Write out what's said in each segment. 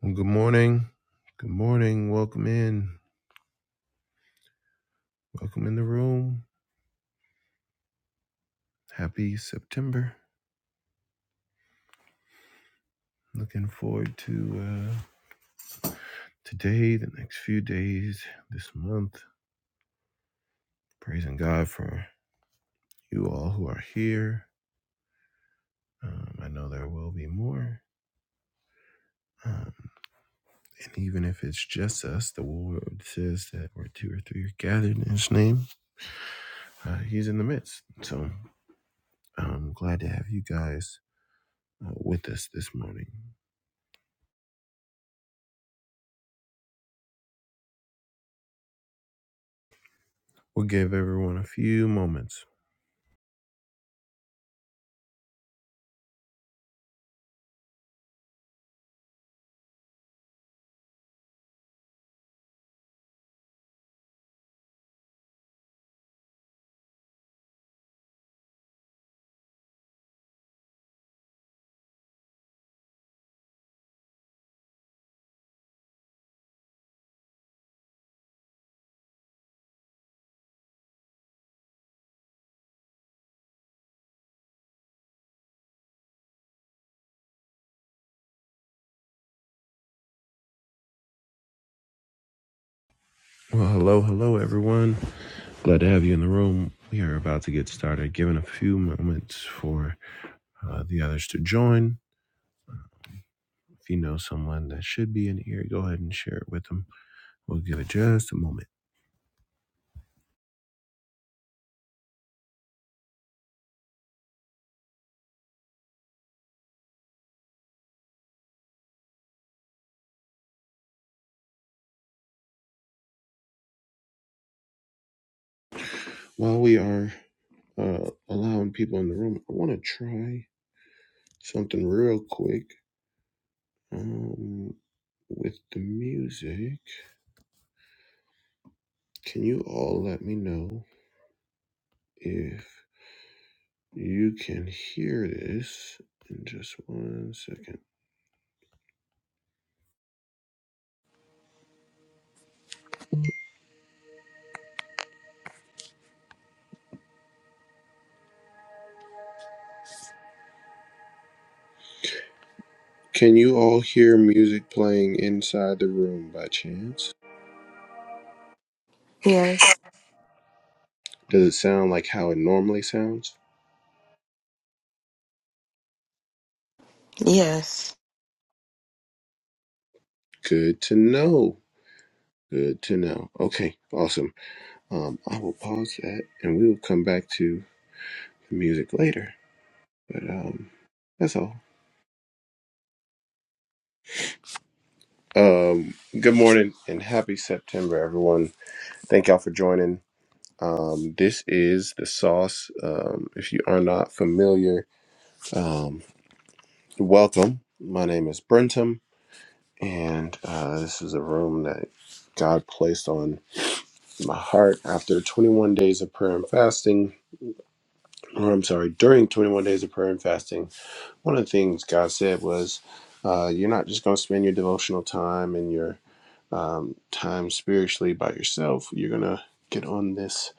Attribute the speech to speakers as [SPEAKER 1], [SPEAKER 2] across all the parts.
[SPEAKER 1] Well, good morning. Good morning. Welcome in. Welcome in the room. Happy September. Looking forward to uh, today, the next few days, this month. Praising God for you all who are here. Um, I know there will be more. Um, and even if it's just us, the word says that where two or three are gathered in His name, uh, He's in the midst. So I'm glad to have you guys uh, with us this morning. We'll give everyone a few moments. Well, hello, hello, everyone. Glad to have you in the room. We are about to get started, giving a few moments for uh, the others to join. If you know someone that should be in here, go ahead and share it with them. We'll give it just a moment. While we are uh, allowing people in the room, I want to try something real quick um, with the music. Can you all let me know if you can hear this in just one second? Can you all hear music playing inside the room by chance?
[SPEAKER 2] Yes.
[SPEAKER 1] Does it sound like how it normally sounds?
[SPEAKER 2] Yes.
[SPEAKER 1] Good to know. Good to know. Okay, awesome. Um, I will pause that and we will come back to the music later. But um, that's all. Um, good morning and happy September, everyone. Thank y'all for joining. Um, this is the sauce. Um, if you are not familiar, um, welcome. My name is Brentum. And uh, this is a room that God placed on my heart after 21 days of prayer and fasting, or I'm sorry, during 21 days of prayer and fasting. One of the things God said was, uh, You're not just going to spend your devotional time and your um, time spiritually by yourself. You're going to get on this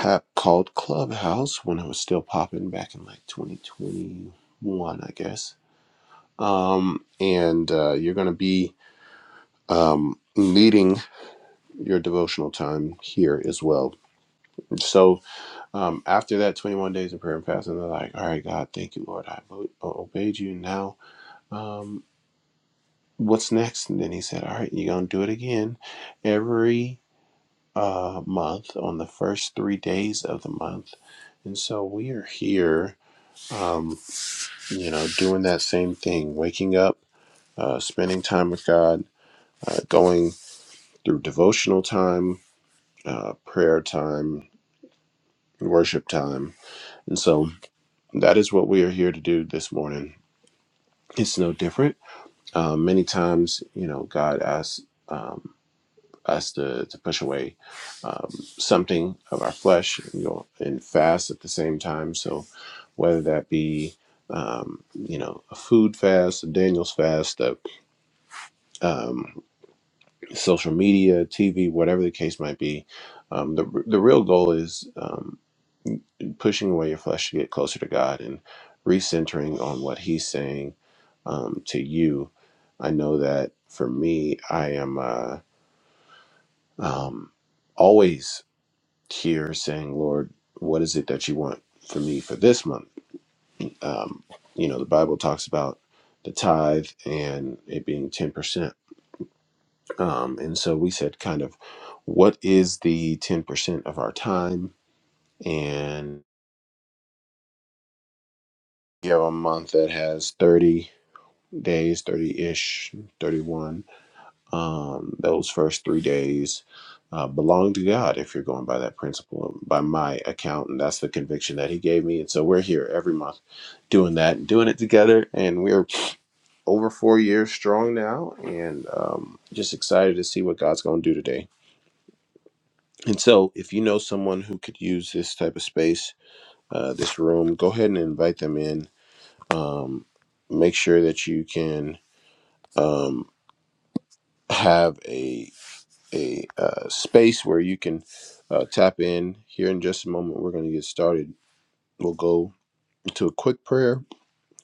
[SPEAKER 1] app called Clubhouse when it was still popping back in like 2021, I guess. Um, and uh, you're going to be um, meeting your devotional time here as well. So um, after that 21 days of prayer and fasting, they're like, all right, God, thank you, Lord. I o- obeyed you. Now, um, what's next? And then he said, all right, you're going to do it again every uh, month on the first three days of the month. And so we are here, um, you know, doing that same thing, waking up, uh, spending time with God, uh, going through devotional time, uh, prayer time, worship time, And so that is what we are here to do this morning. It's no different. Uh, many times, you know, God asks um, us to, to push away um, something of our flesh, you know, and fast at the same time. So whether that be um, you know, a food fast, a Daniel's fast, a, um, social media, TV, whatever the case might be. Um, the, the real goal is um, pushing away your flesh to get closer to God and recentering on what He's saying um, to you. I know that for me, I am uh, um, always here saying, Lord, what is it that you want for me for this month? Um, you know, the Bible talks about the tithe and it being 10%. Um, and so we said, kind of, what is the 10% of our time? And you have a month that has 30. days, 30 ish, 31. Um, those first three days uh, belong to God if you're going by that principle, by my account. And that's the conviction that He gave me. And so we're here every month doing that and doing it together. And we're over four years strong now and um, just excited to see what God's going to do today. And so if you know someone who could use this type of space, uh, this room, go ahead and invite them in. Um, make sure that you can um, have a a uh, space where you can uh, tap in. Here in just a moment, we're going to get started. We'll go to a quick prayer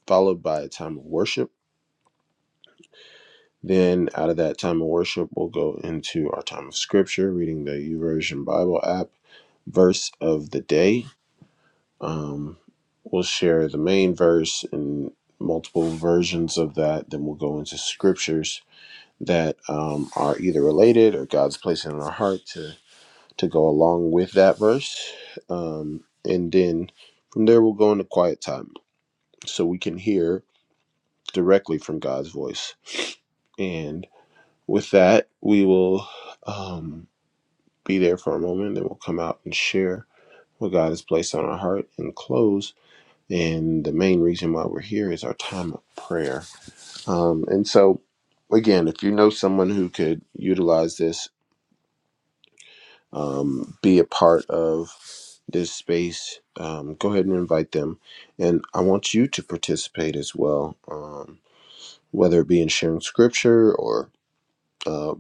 [SPEAKER 1] followed by a time of worship. Then, out of that time of worship, we'll go into our time of scripture, reading the YouVersion Bible app verse of the day. Um, we'll share the main verse and multiple versions of that. Then we'll go into scriptures that um, are either related or God's placing in our heart to. to go along with that verse. Um, and then from there, we'll go into quiet time so we can hear directly from God's voice. And with that, we will um, be there for a moment, then we'll come out and share what God has placed on our heart and close. And the main reason why we're here is our time of prayer. Um, and so, again, if you know someone who could utilize this, um, be a part of this space, um, go ahead and invite them. And I want you to participate as well, um, whether it be in sharing scripture or, uh,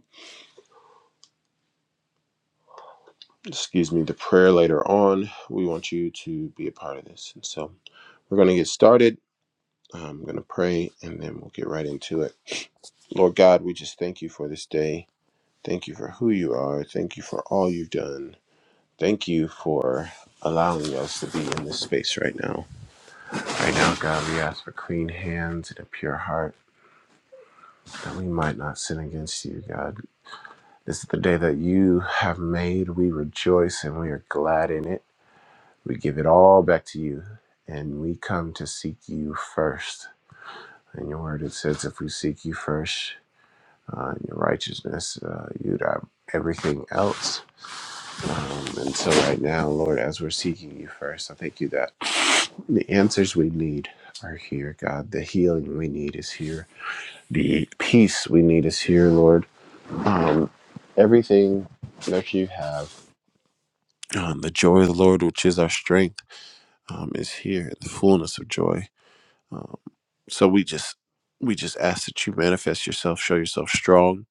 [SPEAKER 1] excuse me, the prayer later on. We want you to be a part of this. And so we're going to get started. I'm going to pray and then we'll get right into it. Lord God, we just thank you for this day. Thank you for who you are. Thank you for all you've done. Thank you for allowing us to be in this space right now. Right now, God, we ask for clean hands and a pure heart that we might not sin against you, God. This is the day that you have made. We rejoice and we are glad in it. We give it all back to you and we come to seek you first. In your word, it says, if we seek you first, uh, in your righteousness, uh, you'd have everything else. Um, and so, right now, Lord, as we're seeking you first, I thank you that the answers we need are here, God. The healing we need is here The peace we need is here, Lord. Um, everything that you have, um, the joy of the Lord, which is our strength, um, is here. The fullness of joy. Um, so we just we just ask that you manifest yourself, show yourself strong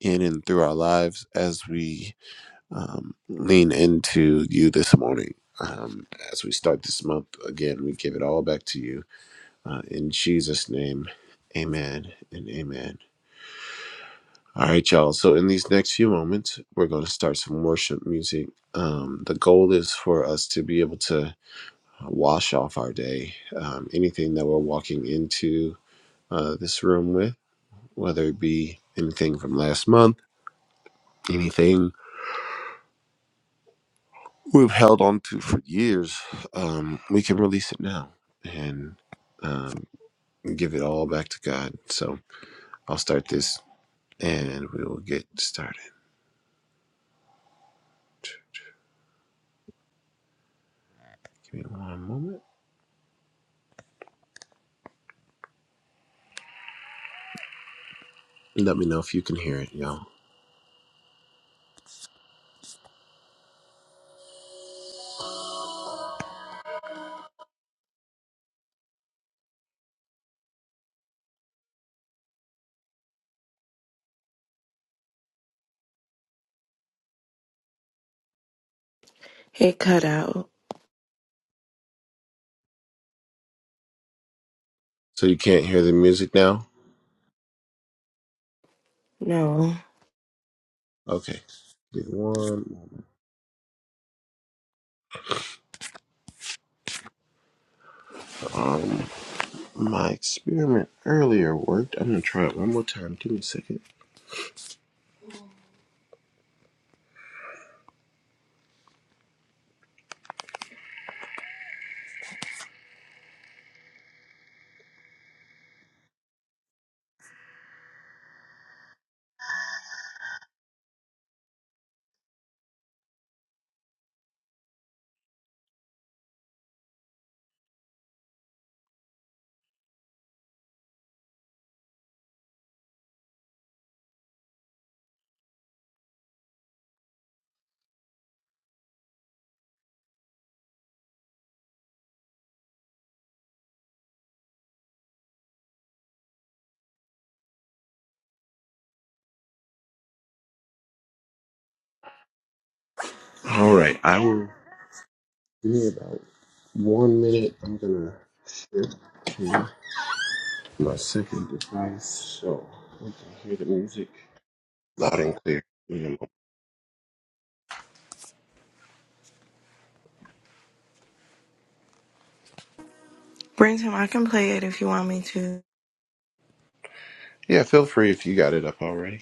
[SPEAKER 1] in and through our lives as we um, lean into you this morning. Um, as we start this month again, we give it all back to you uh, in Jesus' name. Amen and amen. All right, y'all. So, in these next few moments, we're going to start some worship music. Um, the goal is for us to be able to wash off our day, um, anything that we're walking into uh, this room with, whether it be anything from last month, anything we've held on to for years, um, we can release it now and um, give it all back to God. So, I'll start this and we will get started. Give me one moment. Let me know if you can hear it, y'all.
[SPEAKER 2] It cut out.
[SPEAKER 1] So you can't hear the music now?
[SPEAKER 2] No.
[SPEAKER 1] Okay. Give me One. moment. Um, my experiment earlier worked. I'm gonna try it one more time. Give me a second. All right, I will. Give me about one minute. I'm gonna shift to my second device so we can hear the music loud and clear. Give me a moment.
[SPEAKER 2] Brenton, I can play it if you want me to.
[SPEAKER 1] Yeah, feel free if you got it up already.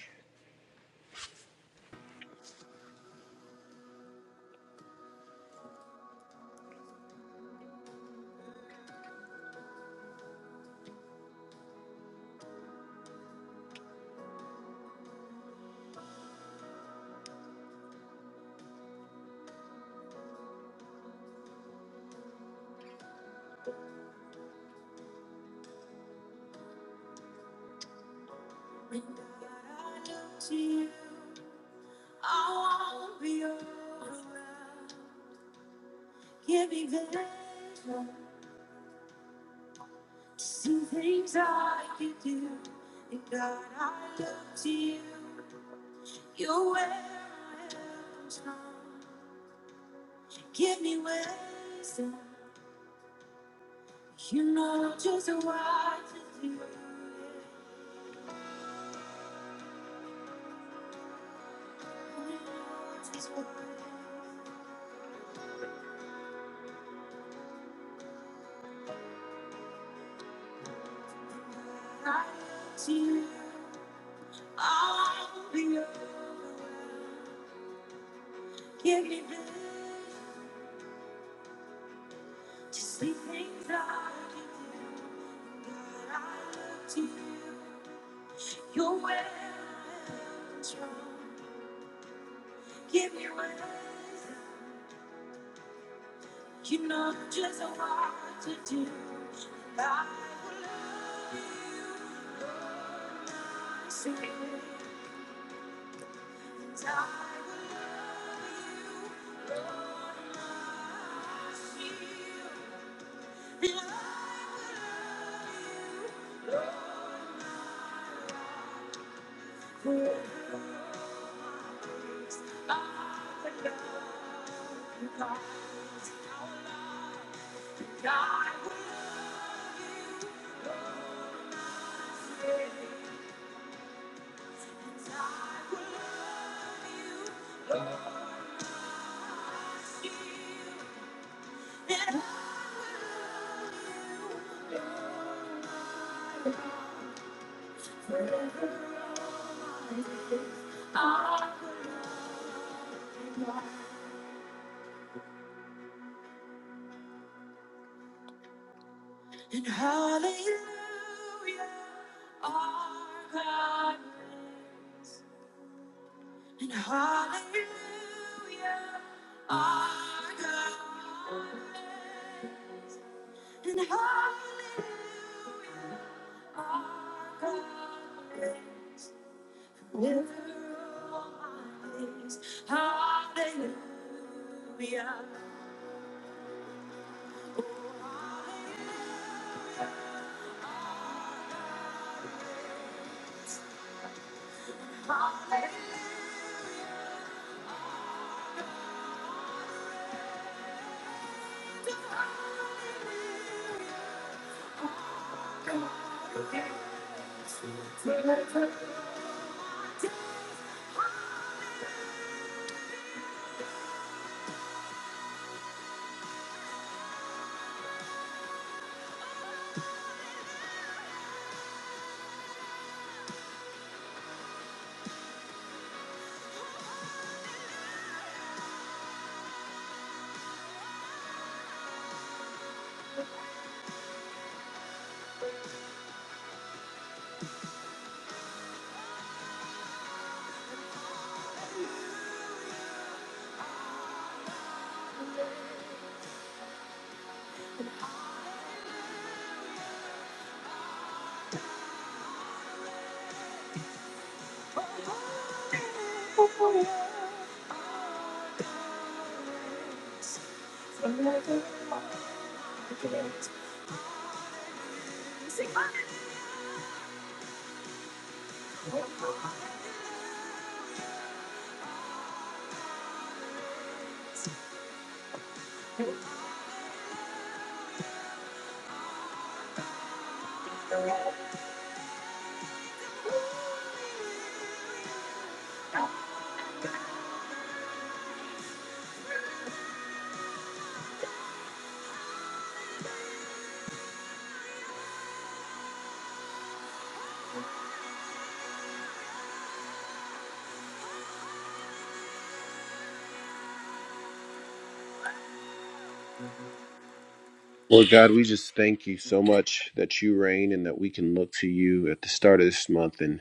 [SPEAKER 1] Lord God, we just thank you so much that you reign and that we can look to you at the start of this month and.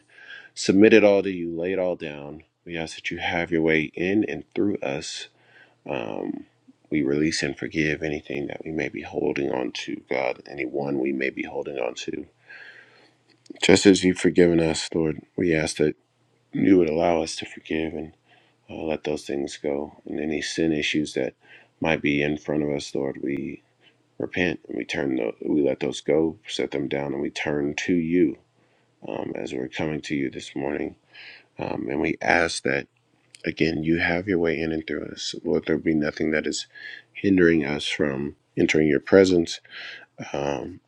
[SPEAKER 1] submit it all to you, lay it all down. We ask that you have your way in and through us. Um, we release and forgive anything that we may be holding on to, God, anyone we may be holding on to. Just as you've forgiven us, Lord, we ask that you would allow us to forgive and uh, let those things go. And any sin issues that might be in front of us, Lord, we repent and we turn the, we let those go, set them down, and we turn to you um, as we're coming to you this morning. Um, and we ask that. Again, you have your way in and through us. Lord, there be nothing that is hindering us from entering your presence um,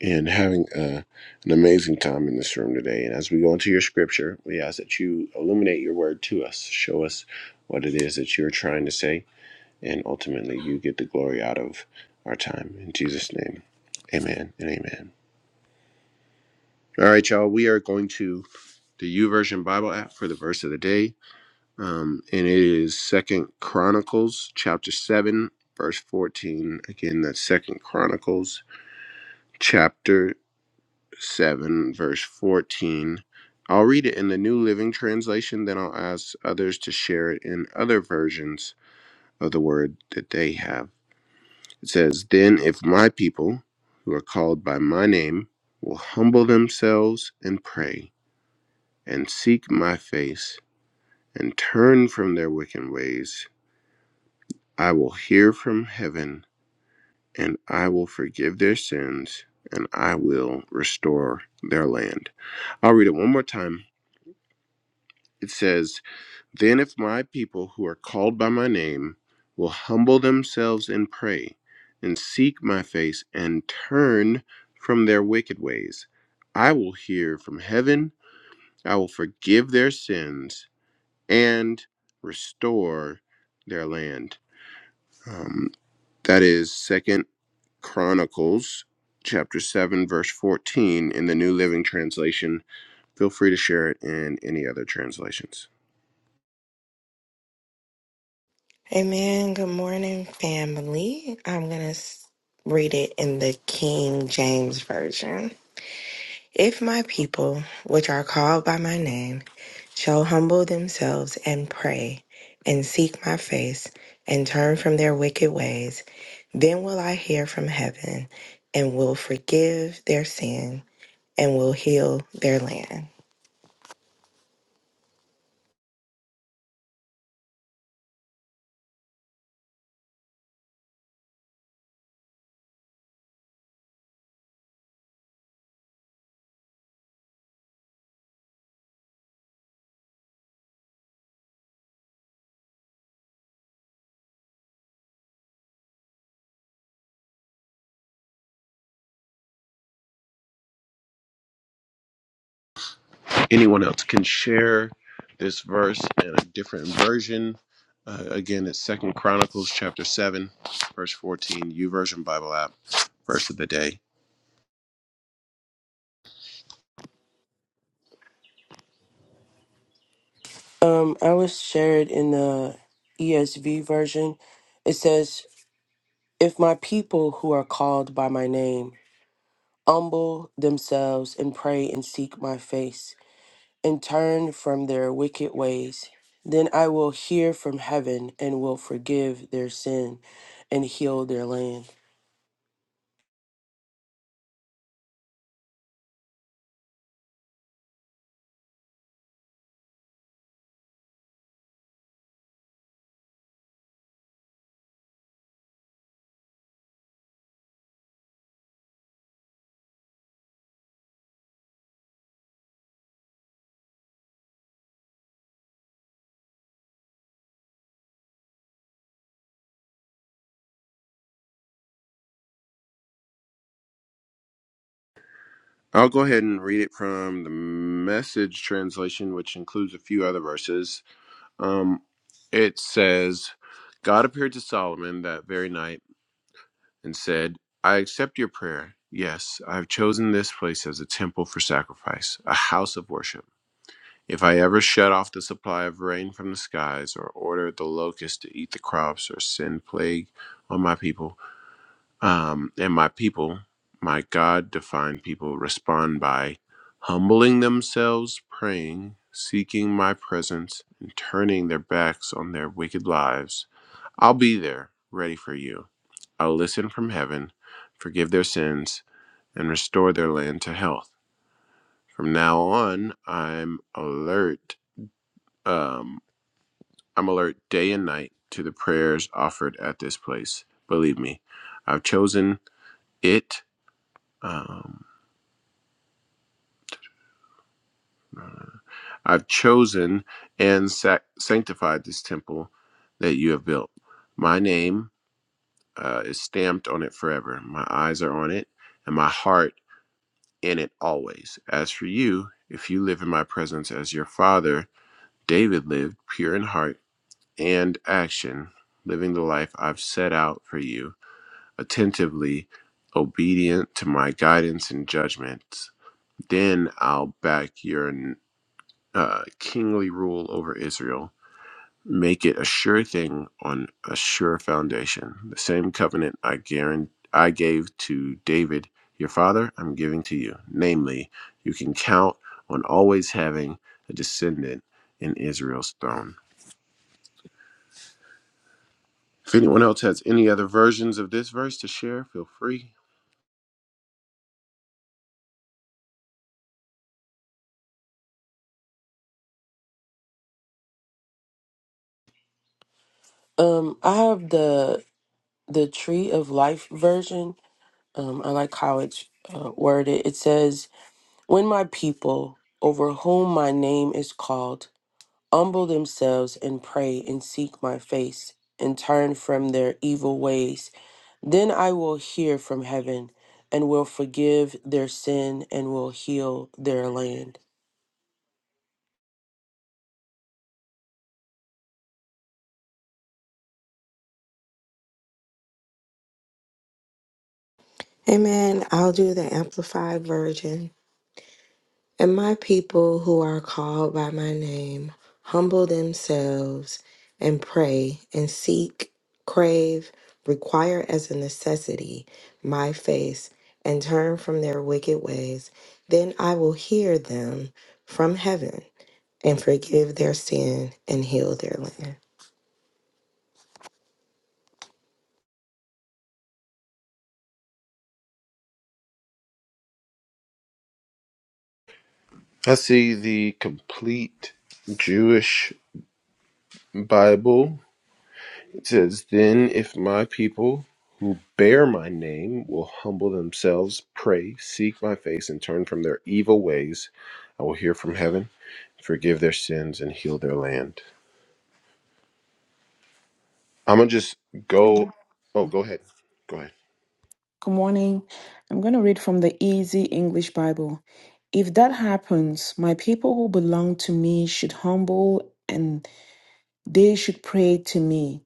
[SPEAKER 1] and having uh an amazing time in this room today. And as we go into your scripture, we ask that you illuminate your word to us, show us what it is that you're trying to say, and ultimately you get the glory out of our time. In Jesus' name, amen and amen. All right, y'all, we are going to the YouVersion Bible app for the verse of the day. um, and it is Second Chronicles chapter seven, verse fourteen. Again, that's Second Chronicles chapter seven, verse fourteen. I'll read it in the New Living Translation, then I'll ask others to share it in other versions of the word that they have. It says, Then if my people, who are called by my name, will humble themselves and pray, and seek my face, and turn from their wicked ways, I will hear from heaven, and I will forgive their sins, and I will restore their land. I'll read it one more time. It says, Then if my people who are called by my name will humble themselves and pray, and seek my face, and turn from their wicked ways, I will hear from heaven, I will forgive their sins, and restore their land. Um, that is is second. Chronicles chapter 7 verse 14 in the New Living Translation. Feel free to share it in any other translations.
[SPEAKER 2] Amen. Good morning, family. I'm going to read it in the King James Version. If my people, which are called by my name, shall humble themselves and pray and seek my face and turn from their wicked ways, then will I hear from heaven and will forgive their sin and will heal their land.
[SPEAKER 1] Anyone else can share this verse in a different version. Uh, again, it's Second Chronicles chapter 7 verse 14, U Version Bible app verse of the day.
[SPEAKER 3] Um, I was shared in the ESV version. It says, If my people who are called by my name humble themselves and pray and seek my face and turn from their wicked ways, then I will hear from heaven and will forgive their sin and heal their land.
[SPEAKER 1] I'll go ahead and read it from the message translation, which includes a few other verses. Um, it says, God appeared to Solomon that very night and said, I accept your prayer. Yes, I have chosen this place as a temple for sacrifice, a house of worship. If I ever shut off the supply of rain from the skies, or order the locusts to eat the crops, or send plague on my people, um, and my people, my God defined people, respond by humbling themselves, praying, seeking my presence, and turning their backs on their wicked lives, I'll be there ready for you I will listen from heaven, forgive their sins, and restore their land to health. From now on, I'm alert. Um, I'm alert day and night to the prayers offered at this place. Believe me, I've chosen it. Um, I've chosen and sac- sanctified this temple that you have built. My name uh, is stamped on it forever. My eyes are on it, and my heart in it always. As for you, if you live in my presence as your father David lived, pure in heart and action, living the life I've set out for you, attentively obedient to my guidance and judgments, then I'll back your uh, kingly rule over Israel make it a sure thing on a sure foundation. The same covenant I guarant I gave to David, your father, I'm giving to you. Namely, you can count on always having a descendant in Israel's throne. If anyone else has any other versions of this verse to share, feel free.
[SPEAKER 3] Um, I have the the tree of life version. Um, I like how it's uh, worded. It says, When my people over whom my name is called, humble themselves and pray and seek my face and turn from their evil ways, then I will hear from heaven and will forgive their sin and will heal their land.
[SPEAKER 2] Amen. I'll do the Amplified Version. And my people who are called by my name humble themselves and pray and seek, crave, require as a necessity my face and turn from their wicked ways, then I will hear them from heaven and forgive their sin and heal their land.
[SPEAKER 1] I see the complete Jewish Bible It says, Then if my people who bear my name will humble themselves, pray, seek my face, and turn from their evil ways, I will hear from heaven, forgive their sins, and heal their land. I'm going to just
[SPEAKER 4] Good
[SPEAKER 1] go. Oh, go ahead. Go ahead.
[SPEAKER 4] good morning. I'm going to read from the Easy English Bible. If that happens, my people who belong to me should humble and they should pray to me.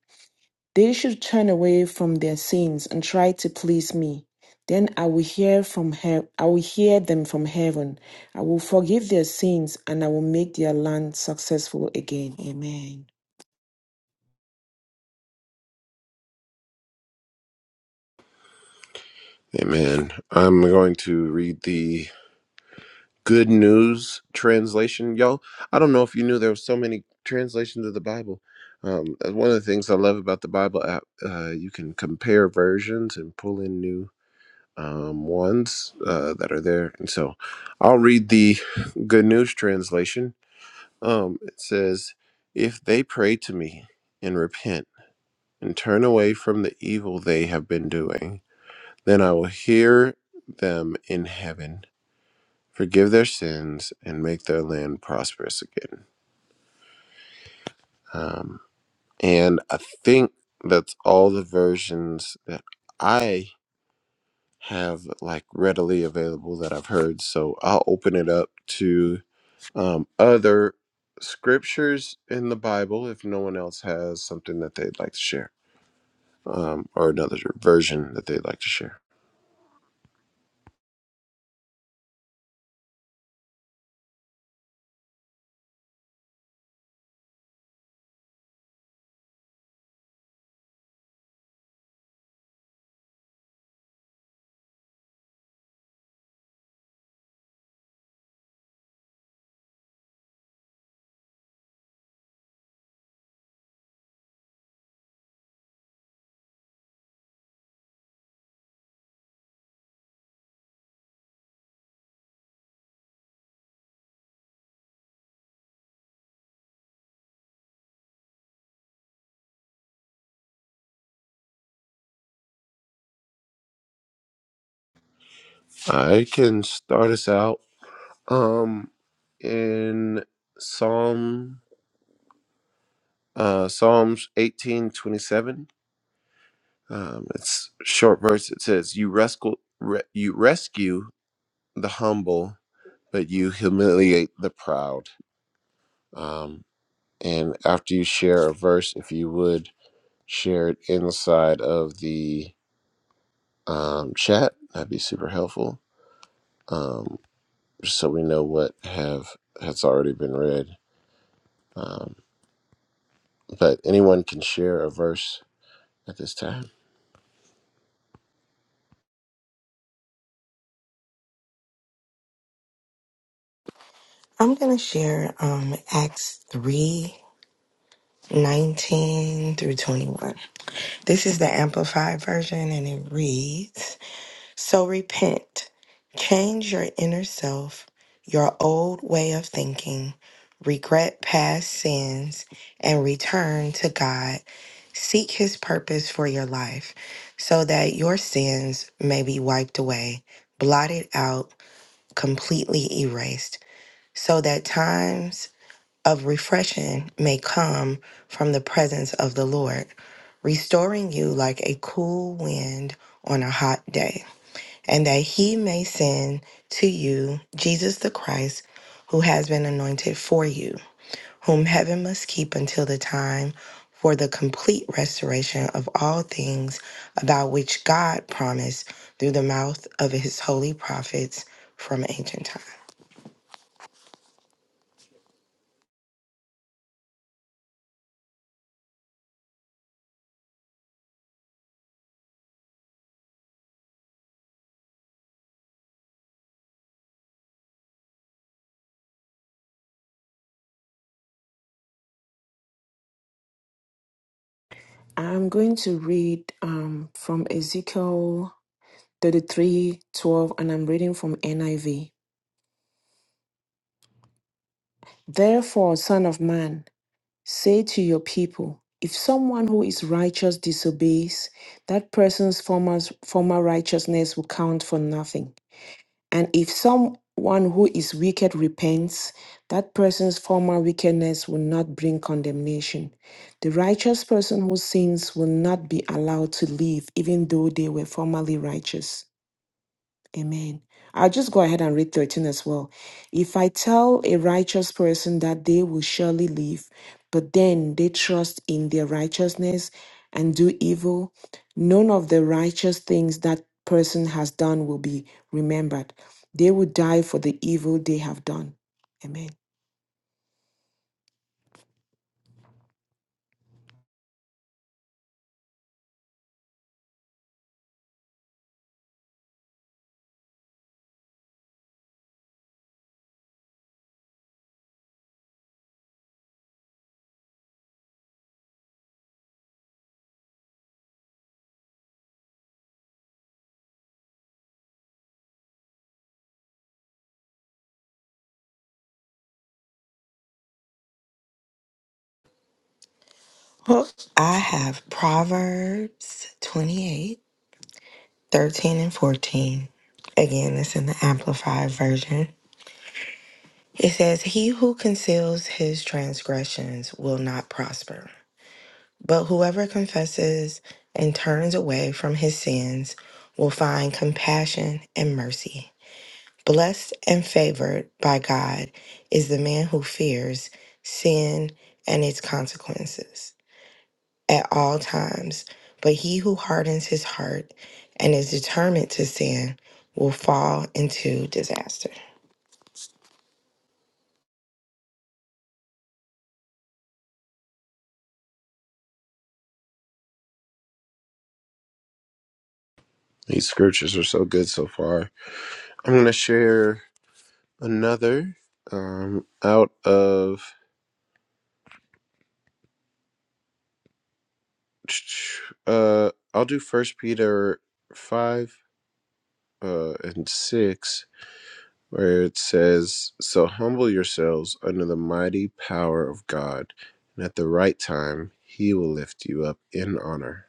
[SPEAKER 4] They should turn away from their sins and try to please me. Then I will hear from he- I will hear them from heaven. I will forgive their sins and I will make their land successful again. Amen.
[SPEAKER 1] Amen. I'm going to read the Good News translation. Y'all, I don't know if you knew there were so many translations of the Bible. Um, that's one of the things I love about the Bible app, uh, you can compare versions and pull in new um, ones uh, that are there. And so I'll read the Good News translation. Um, it says, If they pray to me and repent and turn away from the evil they have been doing, then I will hear them in heaven, forgive their sins, and make their land prosperous again. Um, and I think that's all the versions that I have like readily available that I've heard. So I'll open it up to um, other scriptures in the Bible if no one else has something that they'd like to share um, or another version that they'd like to share. I can start us out um, in Psalm uh, Psalms eighteen twenty seven. Um, it's a short verse. It says, "You rescue re- you rescue the humble, but you humiliate the proud." Um, and after you share a verse, if you would Share it inside of the um, chat. That'd be super helpful, um, just so we know what have has already been read. Um, but anyone can share a verse at this time.
[SPEAKER 2] I'm going to share um, Acts 3 19 through 21. This is the Amplified Version, and it reads So repent, change your inner self, your old way of thinking, regret past sins, and return to God. Seek His purpose for your life so that your sins may be wiped away, blotted out, completely erased, so that times of refreshing may come from the presence of the Lord, restoring you like a cool wind on a hot day, and that he may send to you Jesus the Christ, who has been anointed for you, whom heaven must keep until the time for the complete restoration of all things about which God promised through the mouth of his holy prophets from ancient time.
[SPEAKER 4] I'm going to read um, from Ezekiel 33, 12, and I'm reading from NIV. Therefore, Son of Man, say to your people, if someone who is righteous disobeys, that person's former, former righteousness will count for nothing. And if someone who is wicked repents, that person's former wickedness will not bring condemnation. The righteous person who sins will not be allowed to live, even though they were formerly righteous. Amen. I'll just go ahead and read 13 as well. If I tell a righteous person that they will surely live, but then they trust in their righteousness and do evil, none of the righteous things that person has done will be remembered. They will die for the evil they have done. Amen.
[SPEAKER 2] Well, I have Proverbs 28. 13 and 14. Again, it's in the Amplified Version. It says, He who conceals his transgressions will not prosper, but whoever confesses and turns away from his sins will find compassion and mercy. Blessed and favored by God is the man who fears sin and its consequences. at all times. But he who hardens his heart and is determined to sin will fall into disaster.
[SPEAKER 1] These scriptures are so good so far. I'm going to share another um, out of. Uh, I'll do First Peter five uh, and six where it says, So humble yourselves under the mighty power of God, and at the right time he will lift you up in honor.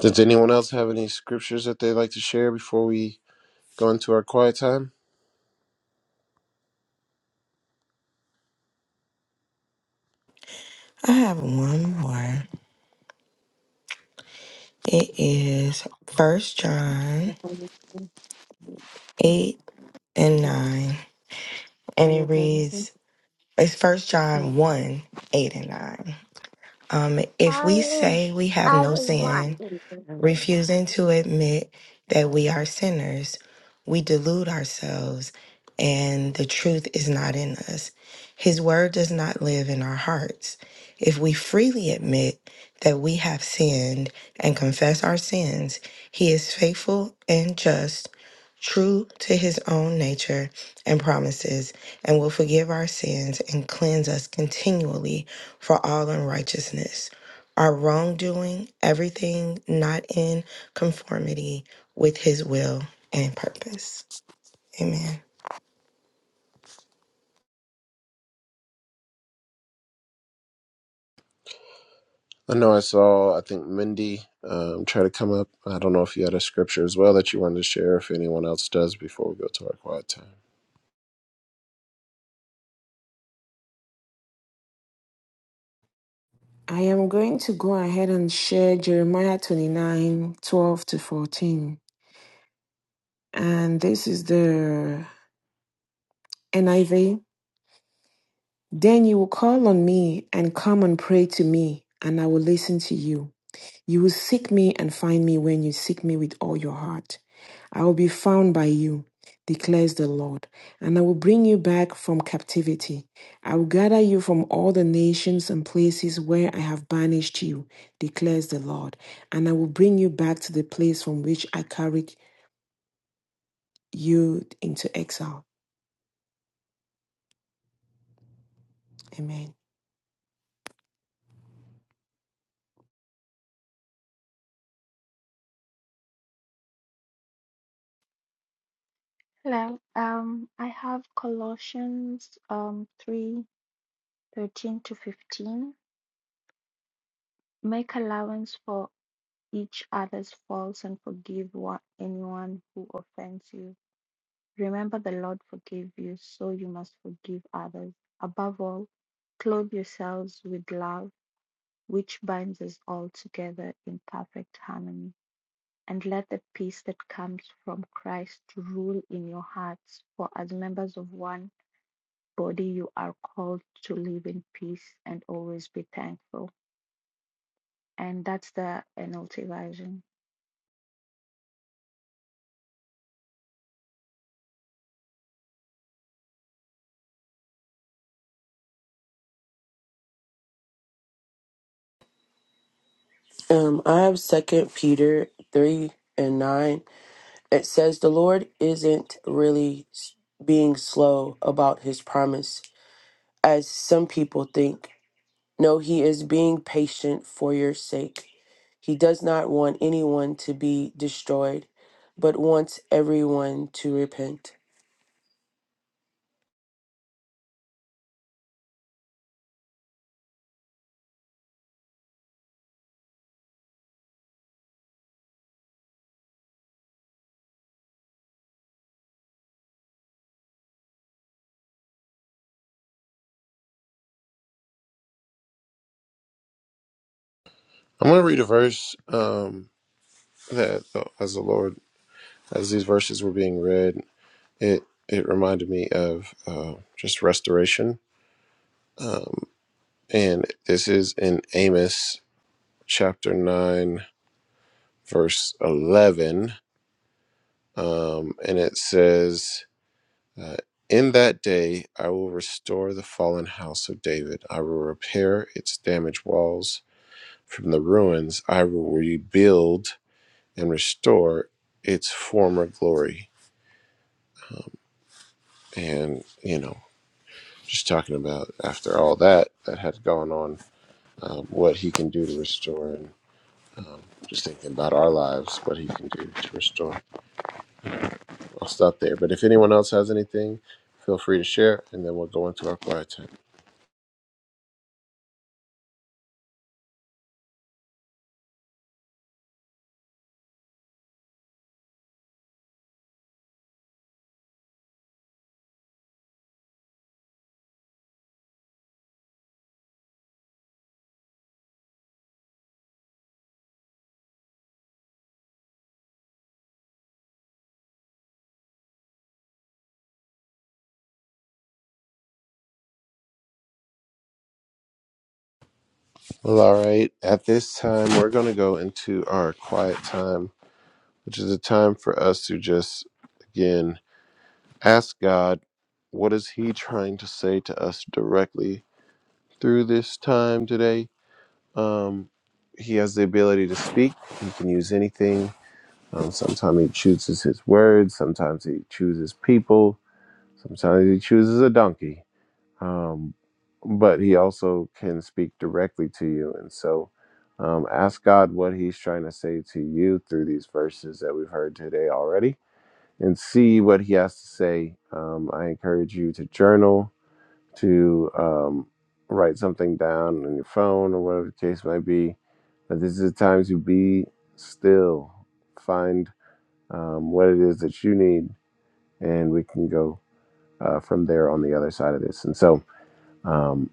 [SPEAKER 1] Does anyone else have any scriptures that they'd like to share before we go into our quiet time?
[SPEAKER 2] I have one more. It is First John 8 and 9. And
[SPEAKER 5] Are you
[SPEAKER 2] it
[SPEAKER 5] okay with it?
[SPEAKER 2] reads, it's First John 1, 8 and 9. Um, if
[SPEAKER 5] I
[SPEAKER 2] we
[SPEAKER 5] am.
[SPEAKER 2] say we have
[SPEAKER 5] I
[SPEAKER 2] no
[SPEAKER 5] was
[SPEAKER 2] sin,
[SPEAKER 5] watching.
[SPEAKER 2] refusing to admit that we are sinners, we delude ourselves and the truth is not in us. His word does not live in our hearts. If we freely admit that we have sinned and confess our sins, he is faithful and just, true to his own nature and promises, and will forgive our sins and cleanse us continually for all unrighteousness. Our wrongdoing, everything not in conformity with his will and purpose. Amen.
[SPEAKER 1] I know I saw, I think Mindy um, try to come up. I don't know if you had a scripture as well that you wanted to share, if anyone else does, before we go to our quiet time.
[SPEAKER 4] I am going to go ahead and share Jeremiah 29 12 to 14. And this is the NIV. Then you will call on me and come and pray to me, and I will listen to you. You will seek me and find me when you seek me with all your heart. I will be found by you, declares the Lord, and I will bring you back from captivity. I will gather you from all the nations and places where I have banished you, declares the Lord, and I will bring you back to the place from which I carried you into exile. Amen.
[SPEAKER 6] Hello. Um, I have Colossians um three thirteen to fifteen. Make allowance for each other's faults and forgive one, anyone who offends you. Remember the Lord forgave you, so you must forgive others. Above all, clothe yourselves with love, which binds us all together in perfect harmony. And let the peace that comes from Christ rule in your hearts, for as members of one body, you are called to live in peace and always be thankful. And that's the NLT version.
[SPEAKER 3] Um, I have Second Peter 3 and 9. It says, The Lord isn't really s- being slow about his promise, as some people think. No, he is being patient for your sake. He does not want anyone to be destroyed, but wants everyone to repent.
[SPEAKER 1] I'm going to read a verse um, that, uh, as the Lord, as these verses were being read, It it reminded me of uh, just restoration, um, and this is in Amos chapter nine, verse eleven, um, and it says, uh, "In that day I will restore the fallen house of David. I will repair its damaged walls from the ruins. I will rebuild and restore its former glory." Um, and you know, just talking about after all that that had gone on um, what He can do to restore, and um, just thinking about our lives, what He can do to restore. I'll stop there. But if anyone else has anything, feel free to share, and then we'll go into our quiet time. Well, all right. At this time, we're going to go into our quiet time, which is a time for us to just, again, ask God, what is He trying to say to us directly through this time today? Um, he has the ability to speak. He can use anything Um, sometimes he chooses his words, sometimes he chooses people, sometimes he chooses a donkey. Um, but he also can speak directly to you. And so um, ask God what he's trying to say to you through these verses that we've heard today already and see what he has to say. Um, I encourage you to journal, to um, write something down on your phone or whatever the case might be. But this is the time to be still find um, what it is that you need, and we can go uh, from there on the other side of this. And so, um,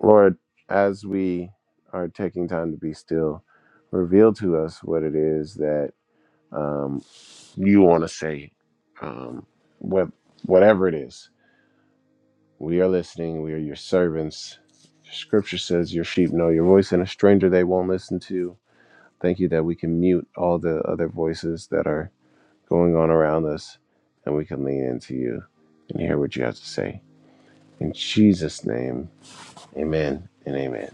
[SPEAKER 1] Lord, as we are taking time to be still, reveal to us what it is that um, you want to say, um, what, whatever it is. We are listening, we are your servants. Scripture says your sheep know your voice, and a stranger they won't listen to. Thank you that we can mute all the other voices that are going on around us, and we can lean into you and hear what you have to say. In Jesus' name, amen and amen.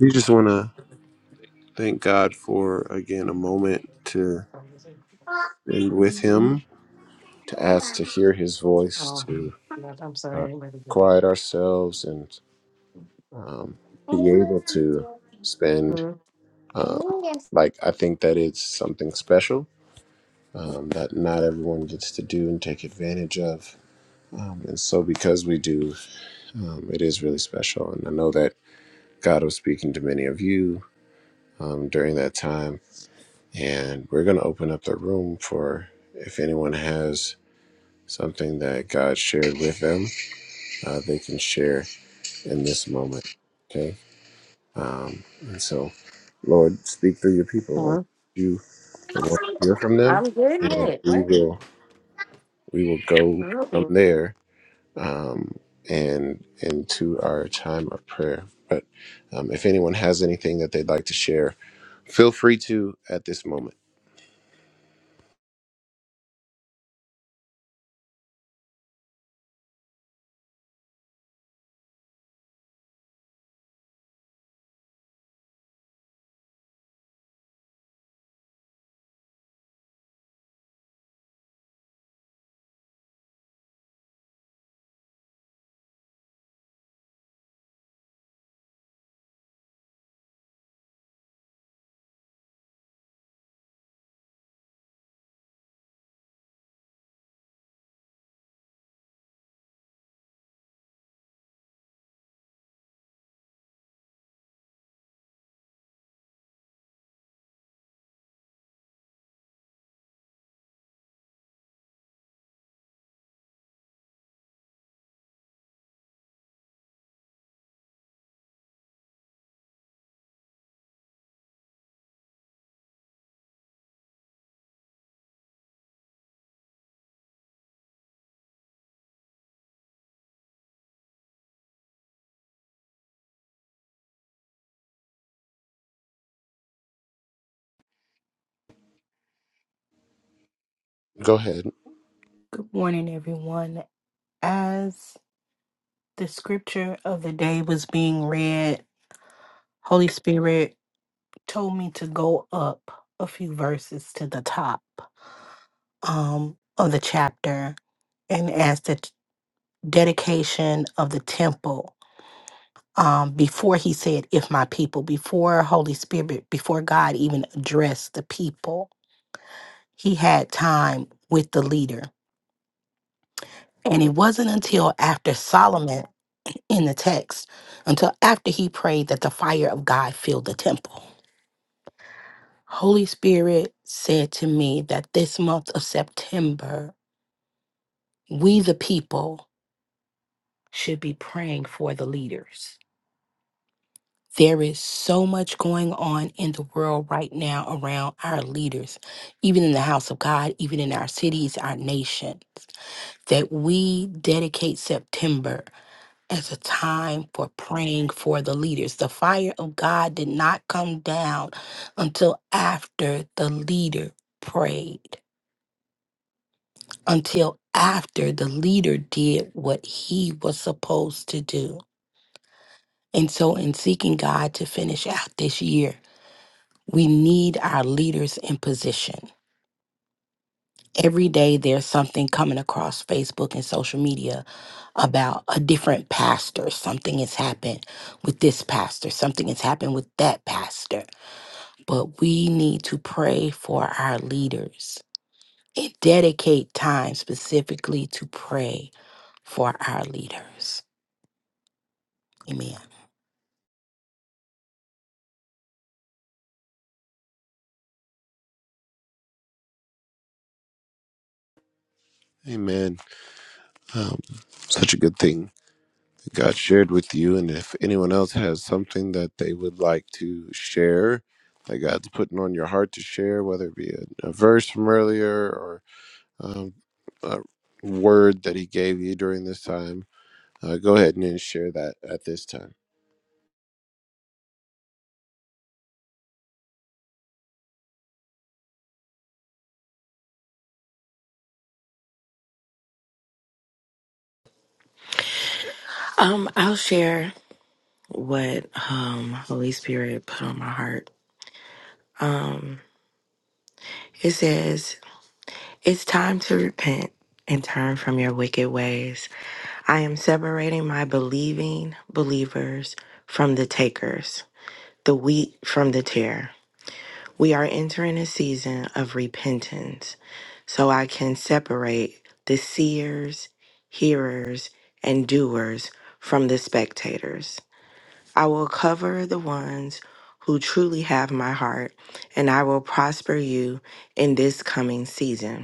[SPEAKER 1] We just want to thank God for, again, a moment to spend with Him, to ask to hear His voice,
[SPEAKER 5] Oh,
[SPEAKER 1] to
[SPEAKER 5] God, I'm sorry.
[SPEAKER 1] uh,
[SPEAKER 5] I didn't really get it.
[SPEAKER 1] quiet ourselves and um, be able to spend.
[SPEAKER 5] Hmm?
[SPEAKER 1] Um,
[SPEAKER 5] Yes.
[SPEAKER 1] like, I think that it's something special um, that not everyone gets to do and take advantage of. Um, and so, because we do, Um, it is really special. And I know that God was speaking to many of you um, during that time. And we're going to open up the room for if anyone has something that God shared with them, uh, they can share in this moment. Okay. Um, and so, Lord, speak through your people.
[SPEAKER 5] Huh?
[SPEAKER 1] You we want to hear from them,
[SPEAKER 5] I'm getting
[SPEAKER 1] and
[SPEAKER 5] it.
[SPEAKER 1] we
[SPEAKER 5] Wait.
[SPEAKER 1] will we will go
[SPEAKER 5] There
[SPEAKER 1] from
[SPEAKER 5] you
[SPEAKER 1] there um, and into our time of prayer. But um, if anyone has anything that they'd like to share, feel free to at this moment. Go ahead.
[SPEAKER 7] Good morning, everyone. As the scripture of the day was being read, Holy Spirit told me to go up a few verses to the top um, of the chapter and as the t- dedication of the temple. Um, before he said, if my people, before Holy Spirit, before God even addressed the people, he had time with the leader. And it wasn't until after Solomon in the text until after he prayed that the fire of God filled the temple. Holy Spirit said to me that this month of September, we the people should be praying for the leaders. There is so much going on in the world right now around our leaders, even in the house of God, even in our cities, our nations, that we dedicate September as a time for praying for the leaders. The fire of God did not come down until after the leader prayed, until after the leader did what he was supposed to do. And so, in seeking God to finish out this year, we need our leaders in position. Every day there's something coming across Facebook and social media about a different pastor. Something has happened with this pastor, something has happened with that pastor. But we need to pray for our leaders and dedicate time specifically to pray for our leaders. Amen.
[SPEAKER 1] Amen. Um, such a good thing that God shared with you. And if anyone else has something that they would like to share, that God's putting on your heart to share, whether it be a, a verse from earlier or um, a word that He gave you during this time, uh, go ahead and share that at this time.
[SPEAKER 2] Um, I'll share what um Holy Spirit put on my heart. It says It's time to repent and turn from your wicked ways. I am separating my believing believers from the takers, the wheat from the tare. We are entering a season of repentance so I can separate the seers, hearers, and doers from the spectators. I will cover the ones who truly have my heart, and I will prosper you in this coming season.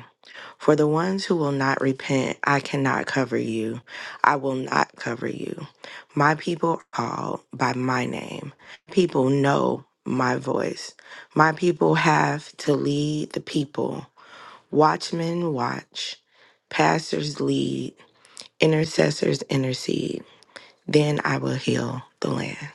[SPEAKER 2] For the ones who will not repent, I cannot cover you. I will not cover you. My people are called by my name. People know my voice. My people have to lead the people. Watchmen watch, pastors lead, intercessors intercede. Then I will heal the land.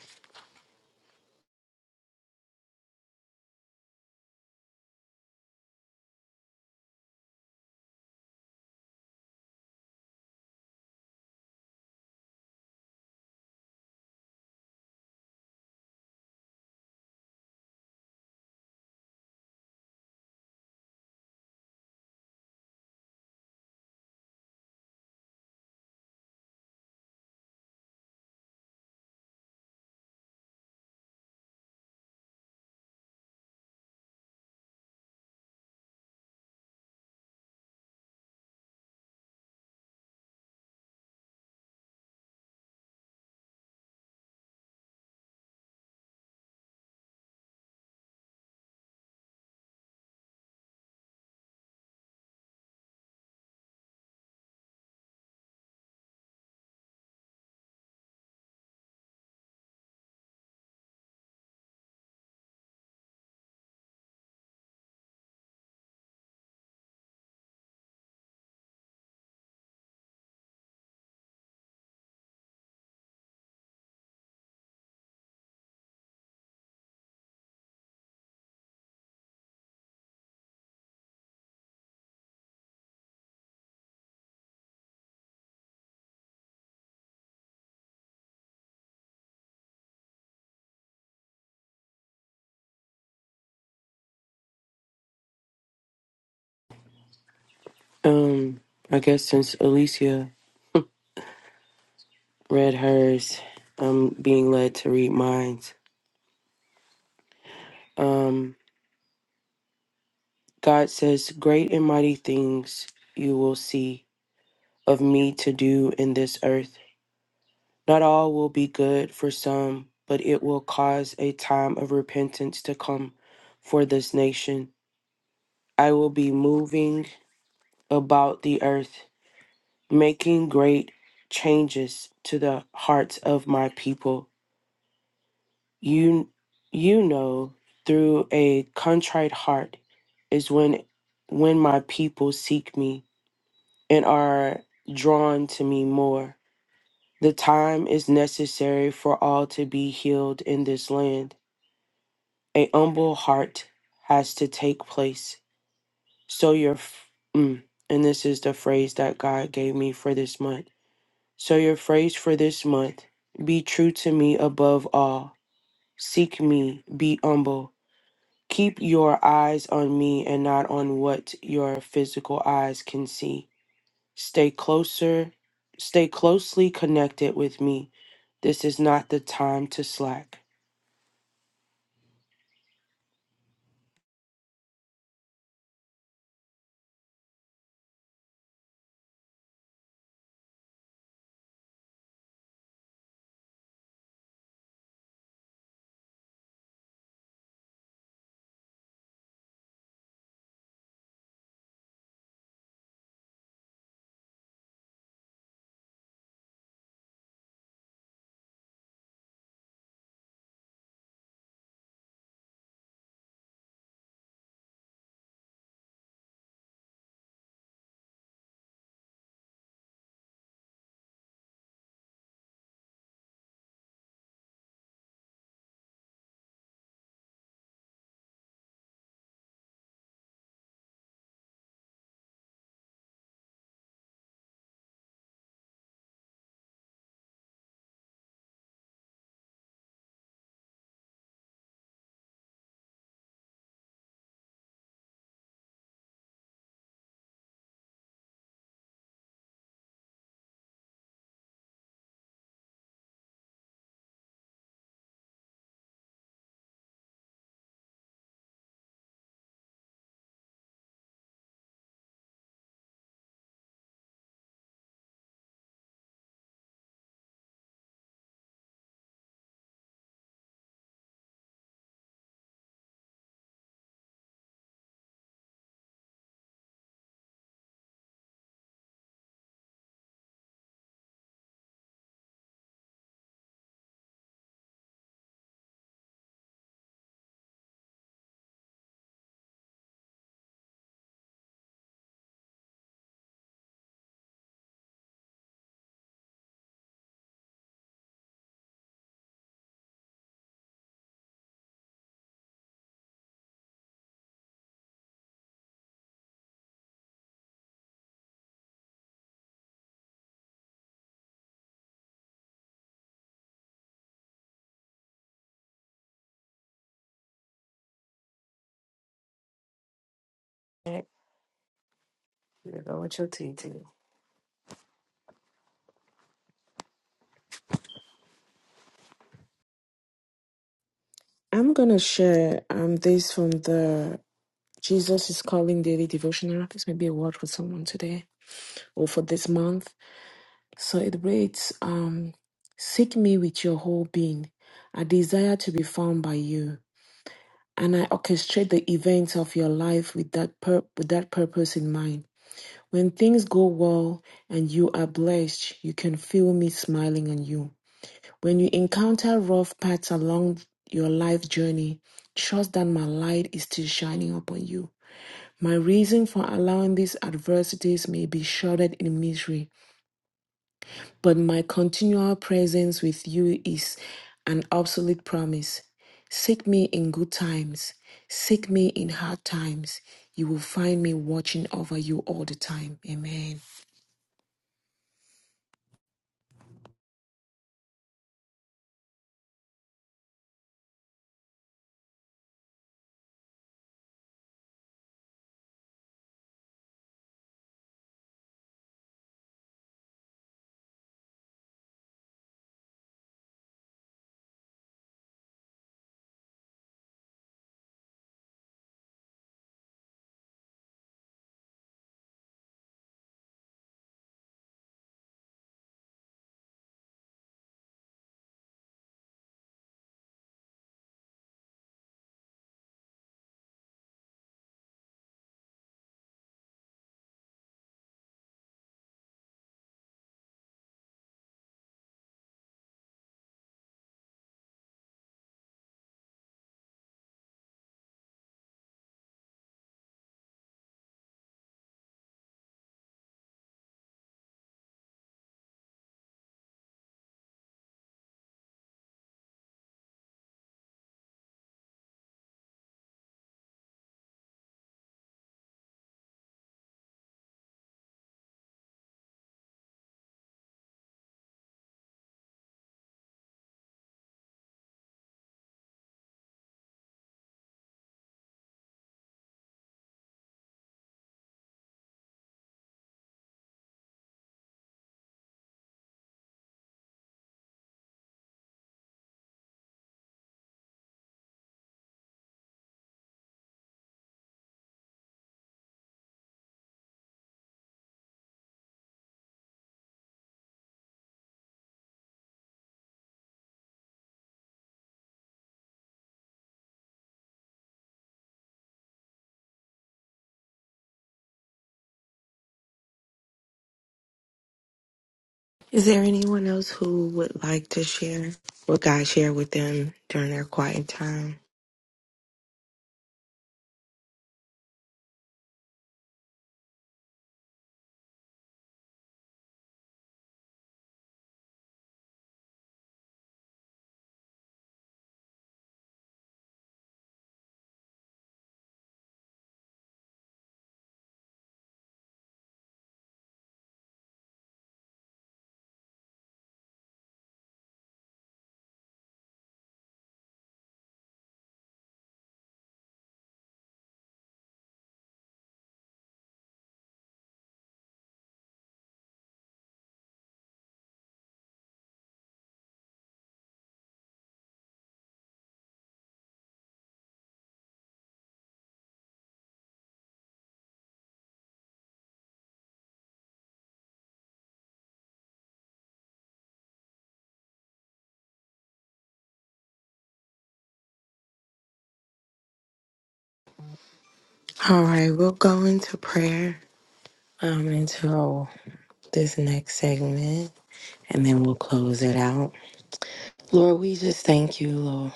[SPEAKER 3] Um, I guess since Alicia read hers, I'm being led to read mine. Um, God says, Great and mighty things you will see of me to do in this earth. Not all will be good for some, but it will cause a time of repentance to come for this nation I will be moving about the earth, making great changes to the hearts of my people. You, you know, through a contrite heart is when, when my people seek me and are drawn to me more. The time is necessary for all to be healed in this land. A humble heart has to take place. So your, f- mm, and this is the phrase that God gave me for this month So, your phrase for this month be true to me above all. Seek me, be humble. Keep your eyes on me and not on what your physical eyes can see. Stay closer, stay closely connected with me. This is not the time to slack.
[SPEAKER 5] going with your T T.
[SPEAKER 4] I'm going to share um, this from the Jesus is calling daily devotional. This may be a word for someone today or for this month. So it reads, um, Seek me with your whole being. I desire to be found by you. And I orchestrate the events of your life with that, pur- with that purpose in mind. When things go well and you are blessed, you can feel me smiling on you. When you encounter rough paths along your life journey, trust that my light is still shining upon you. My reason for allowing these adversities may be shrouded in misery, but my continual presence with you is an absolute promise. Seek me in good times, seek me in hard times. You will find me watching over you all the time. Amen.
[SPEAKER 2] Is there anyone else who would like to share what God shared with them during their quiet time? All right, we'll go into prayer. um, until this next segment, and then we'll close it out. Lord, we just thank you, Lord,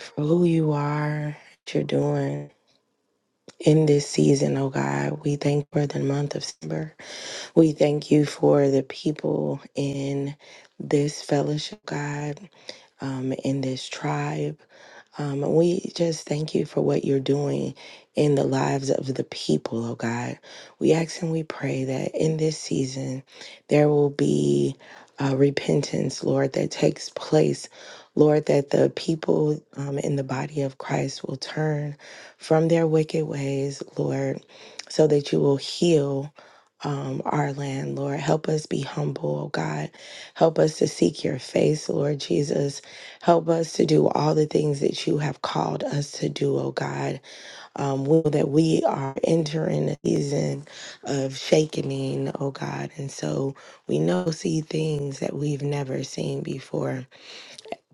[SPEAKER 2] for who you are, what you're doing in this season, oh God. We thank you for the month of September. We thank you for the people in this fellowship, God, um, in this tribe. Um, we just thank you for what you're doing in the lives of the people, oh God. We ask and we pray that in this season there will be uh, repentance, Lord, that takes place. Lord, that the people um, in the body of Christ will turn from their wicked ways, Lord, so that you will heal um, our land, Lord. Help us be humble, oh God. Help us to seek your face, Lord Jesus. Help us to do all the things that you have called us to do, oh God. Um, we know that we are entering a season of shakening, oh God. And so we know see things that we've never seen before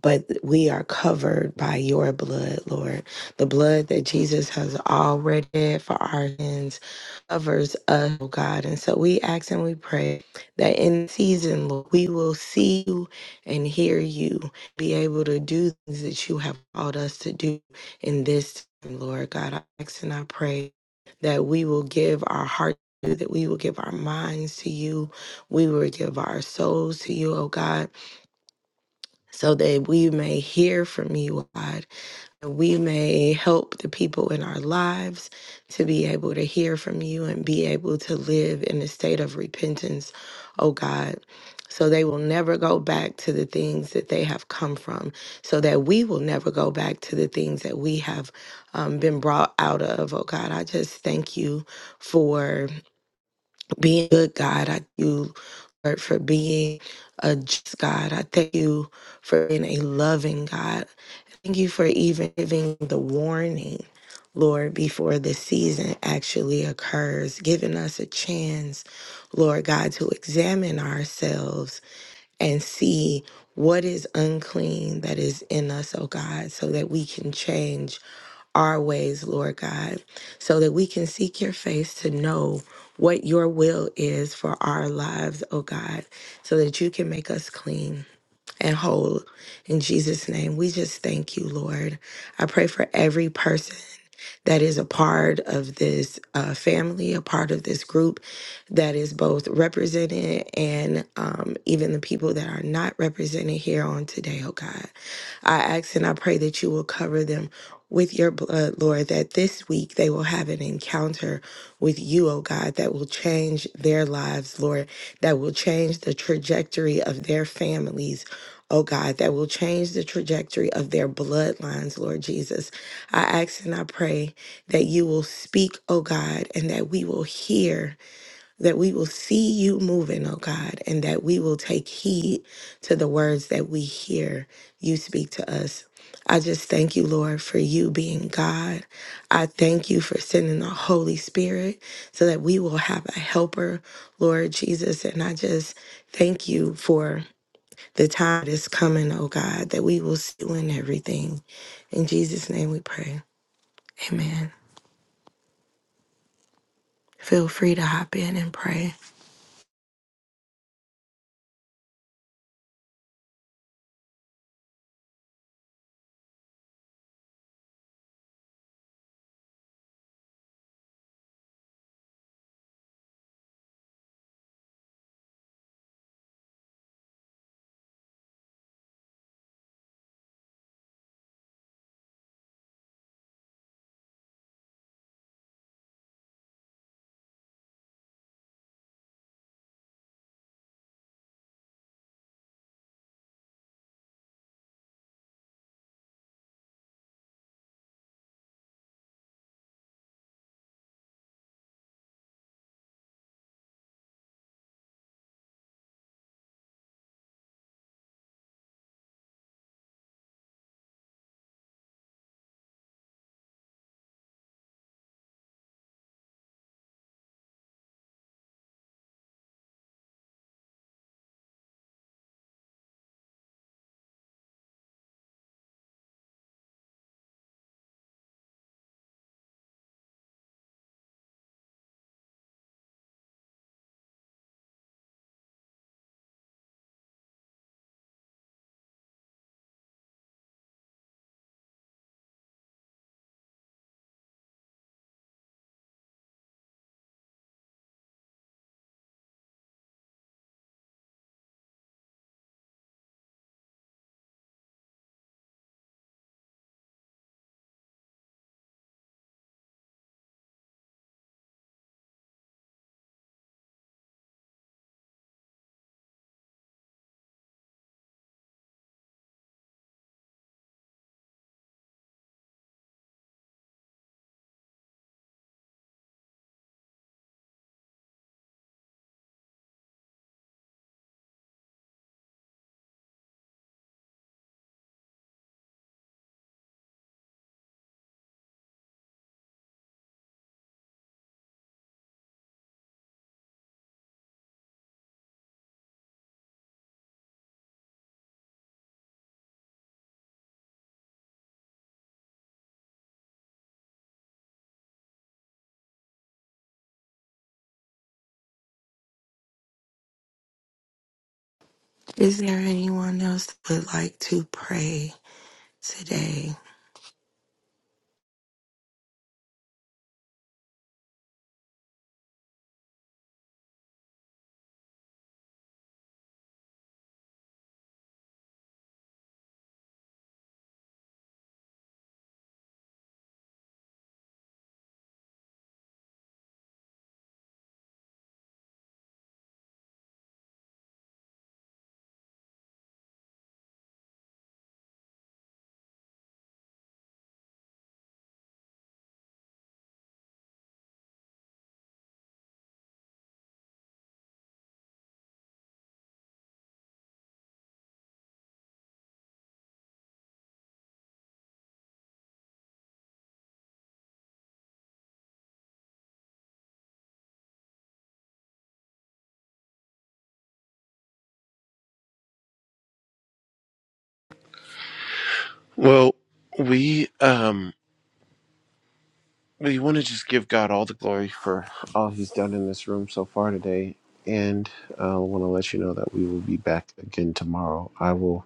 [SPEAKER 2] but we are covered by your blood, Lord. The blood that Jesus has already for our sins covers us, oh God. And so we ask and we pray that in season, Lord, we will see you and hear you, be able to do things that you have called us to do in this time, Lord God. I ask and I pray that we will give our heart to you, that we will give our minds to you. We will give our souls to you, oh God so that we may hear from you, God, and we may help the people in our lives to be able to hear from you and be able to live in a state of repentance, oh God. So they will never go back to the things that they have come from, so that we will never go back to the things that we have um, been brought out of. Oh God, I just thank you for being a good God. I thank you, Lord, for being a just God. I thank you for being a loving God. Thank you for even giving the warning, Lord, before the season actually occurs, giving us a chance, Lord God, to examine ourselves and see what is unclean that is in us, oh God, so that we can change our ways, Lord God, so that we can seek your face to know what your will is for our lives, oh God, so that you can make us clean and whole. In Jesus' name, we just thank you, Lord. I pray for every person that is a part of this uh, family, a part of this group that is both represented and um, even the people that are not represented here on today, oh God. I ask and I pray that you will cover them with your blood, Lord, that this week they will have an encounter with you, oh God, that will change their lives, Lord, that will change the trajectory of their families. Oh God, that will change the trajectory of their bloodlines, Lord Jesus. I ask and I pray that you will speak, oh God, and that we will hear that we will see you moving, oh God, and that we will take heed to the words that we hear you speak to us. I just thank you, Lord, for you being God. I thank you for sending the Holy Spirit so that we will have a helper, Lord Jesus. And I just thank you for the time that's coming, oh God, that we will see you in everything. In Jesus' name we pray. Amen. Feel free to hop in and pray. Is there anyone else that would like to pray today?
[SPEAKER 1] Well, we um we want to just give God all the glory for all He's done in this room so far today, and I uh, want to let you know that we will be back again tomorrow. I will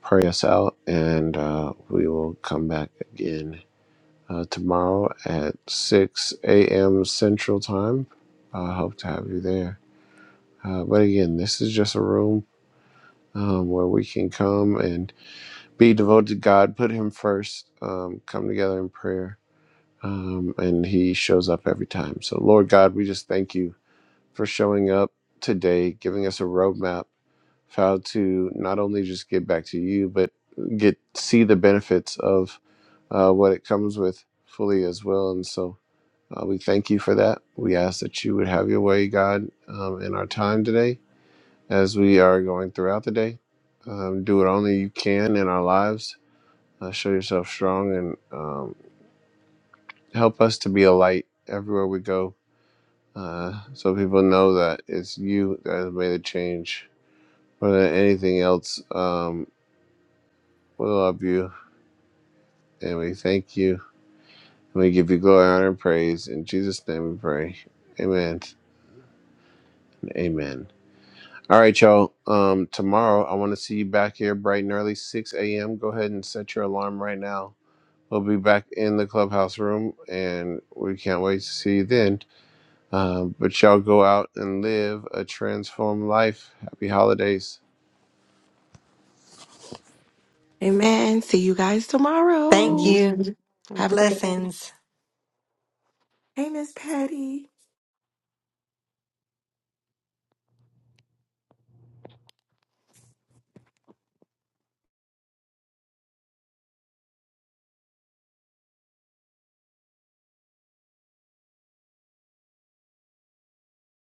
[SPEAKER 1] pray us out, and uh, we will come back again uh, tomorrow at six a.m. Central Time. I hope to have you there. Uh, but again, this is just a room um, where we can come and be devoted to God, put Him first, um, come together in prayer um, and he shows up every time. So, Lord God, we just thank you for showing up today, giving us a roadmap of how to not only just get back to you, but get see the benefits of uh, what it comes with fully as well. And so, uh, we thank you for that. We ask that you would have your way, God, um, in our time today as we are going throughout the day. Um, do what only you can in our lives. Uh, show yourself strong and um, help us to be a light everywhere we go uh, so people know that it's you that has made a change more than anything else. Um, we love you and we thank you and we give you glory, honor, and praise. In Jesus' name we pray. Amen. Amen. All right, y'all. Um, tomorrow I want to see you back here bright and early, 6 a.m. Go ahead and set your alarm right now. We'll be back in the clubhouse room and we can't wait to see you then. Um, but y'all go out and live a transformed life. Happy holidays.
[SPEAKER 2] Amen. See you guys
[SPEAKER 8] Thank
[SPEAKER 2] tomorrow.
[SPEAKER 4] Amen.
[SPEAKER 8] you.
[SPEAKER 2] Have a great day.
[SPEAKER 8] Blessings.
[SPEAKER 2] Hey, Miss Patty.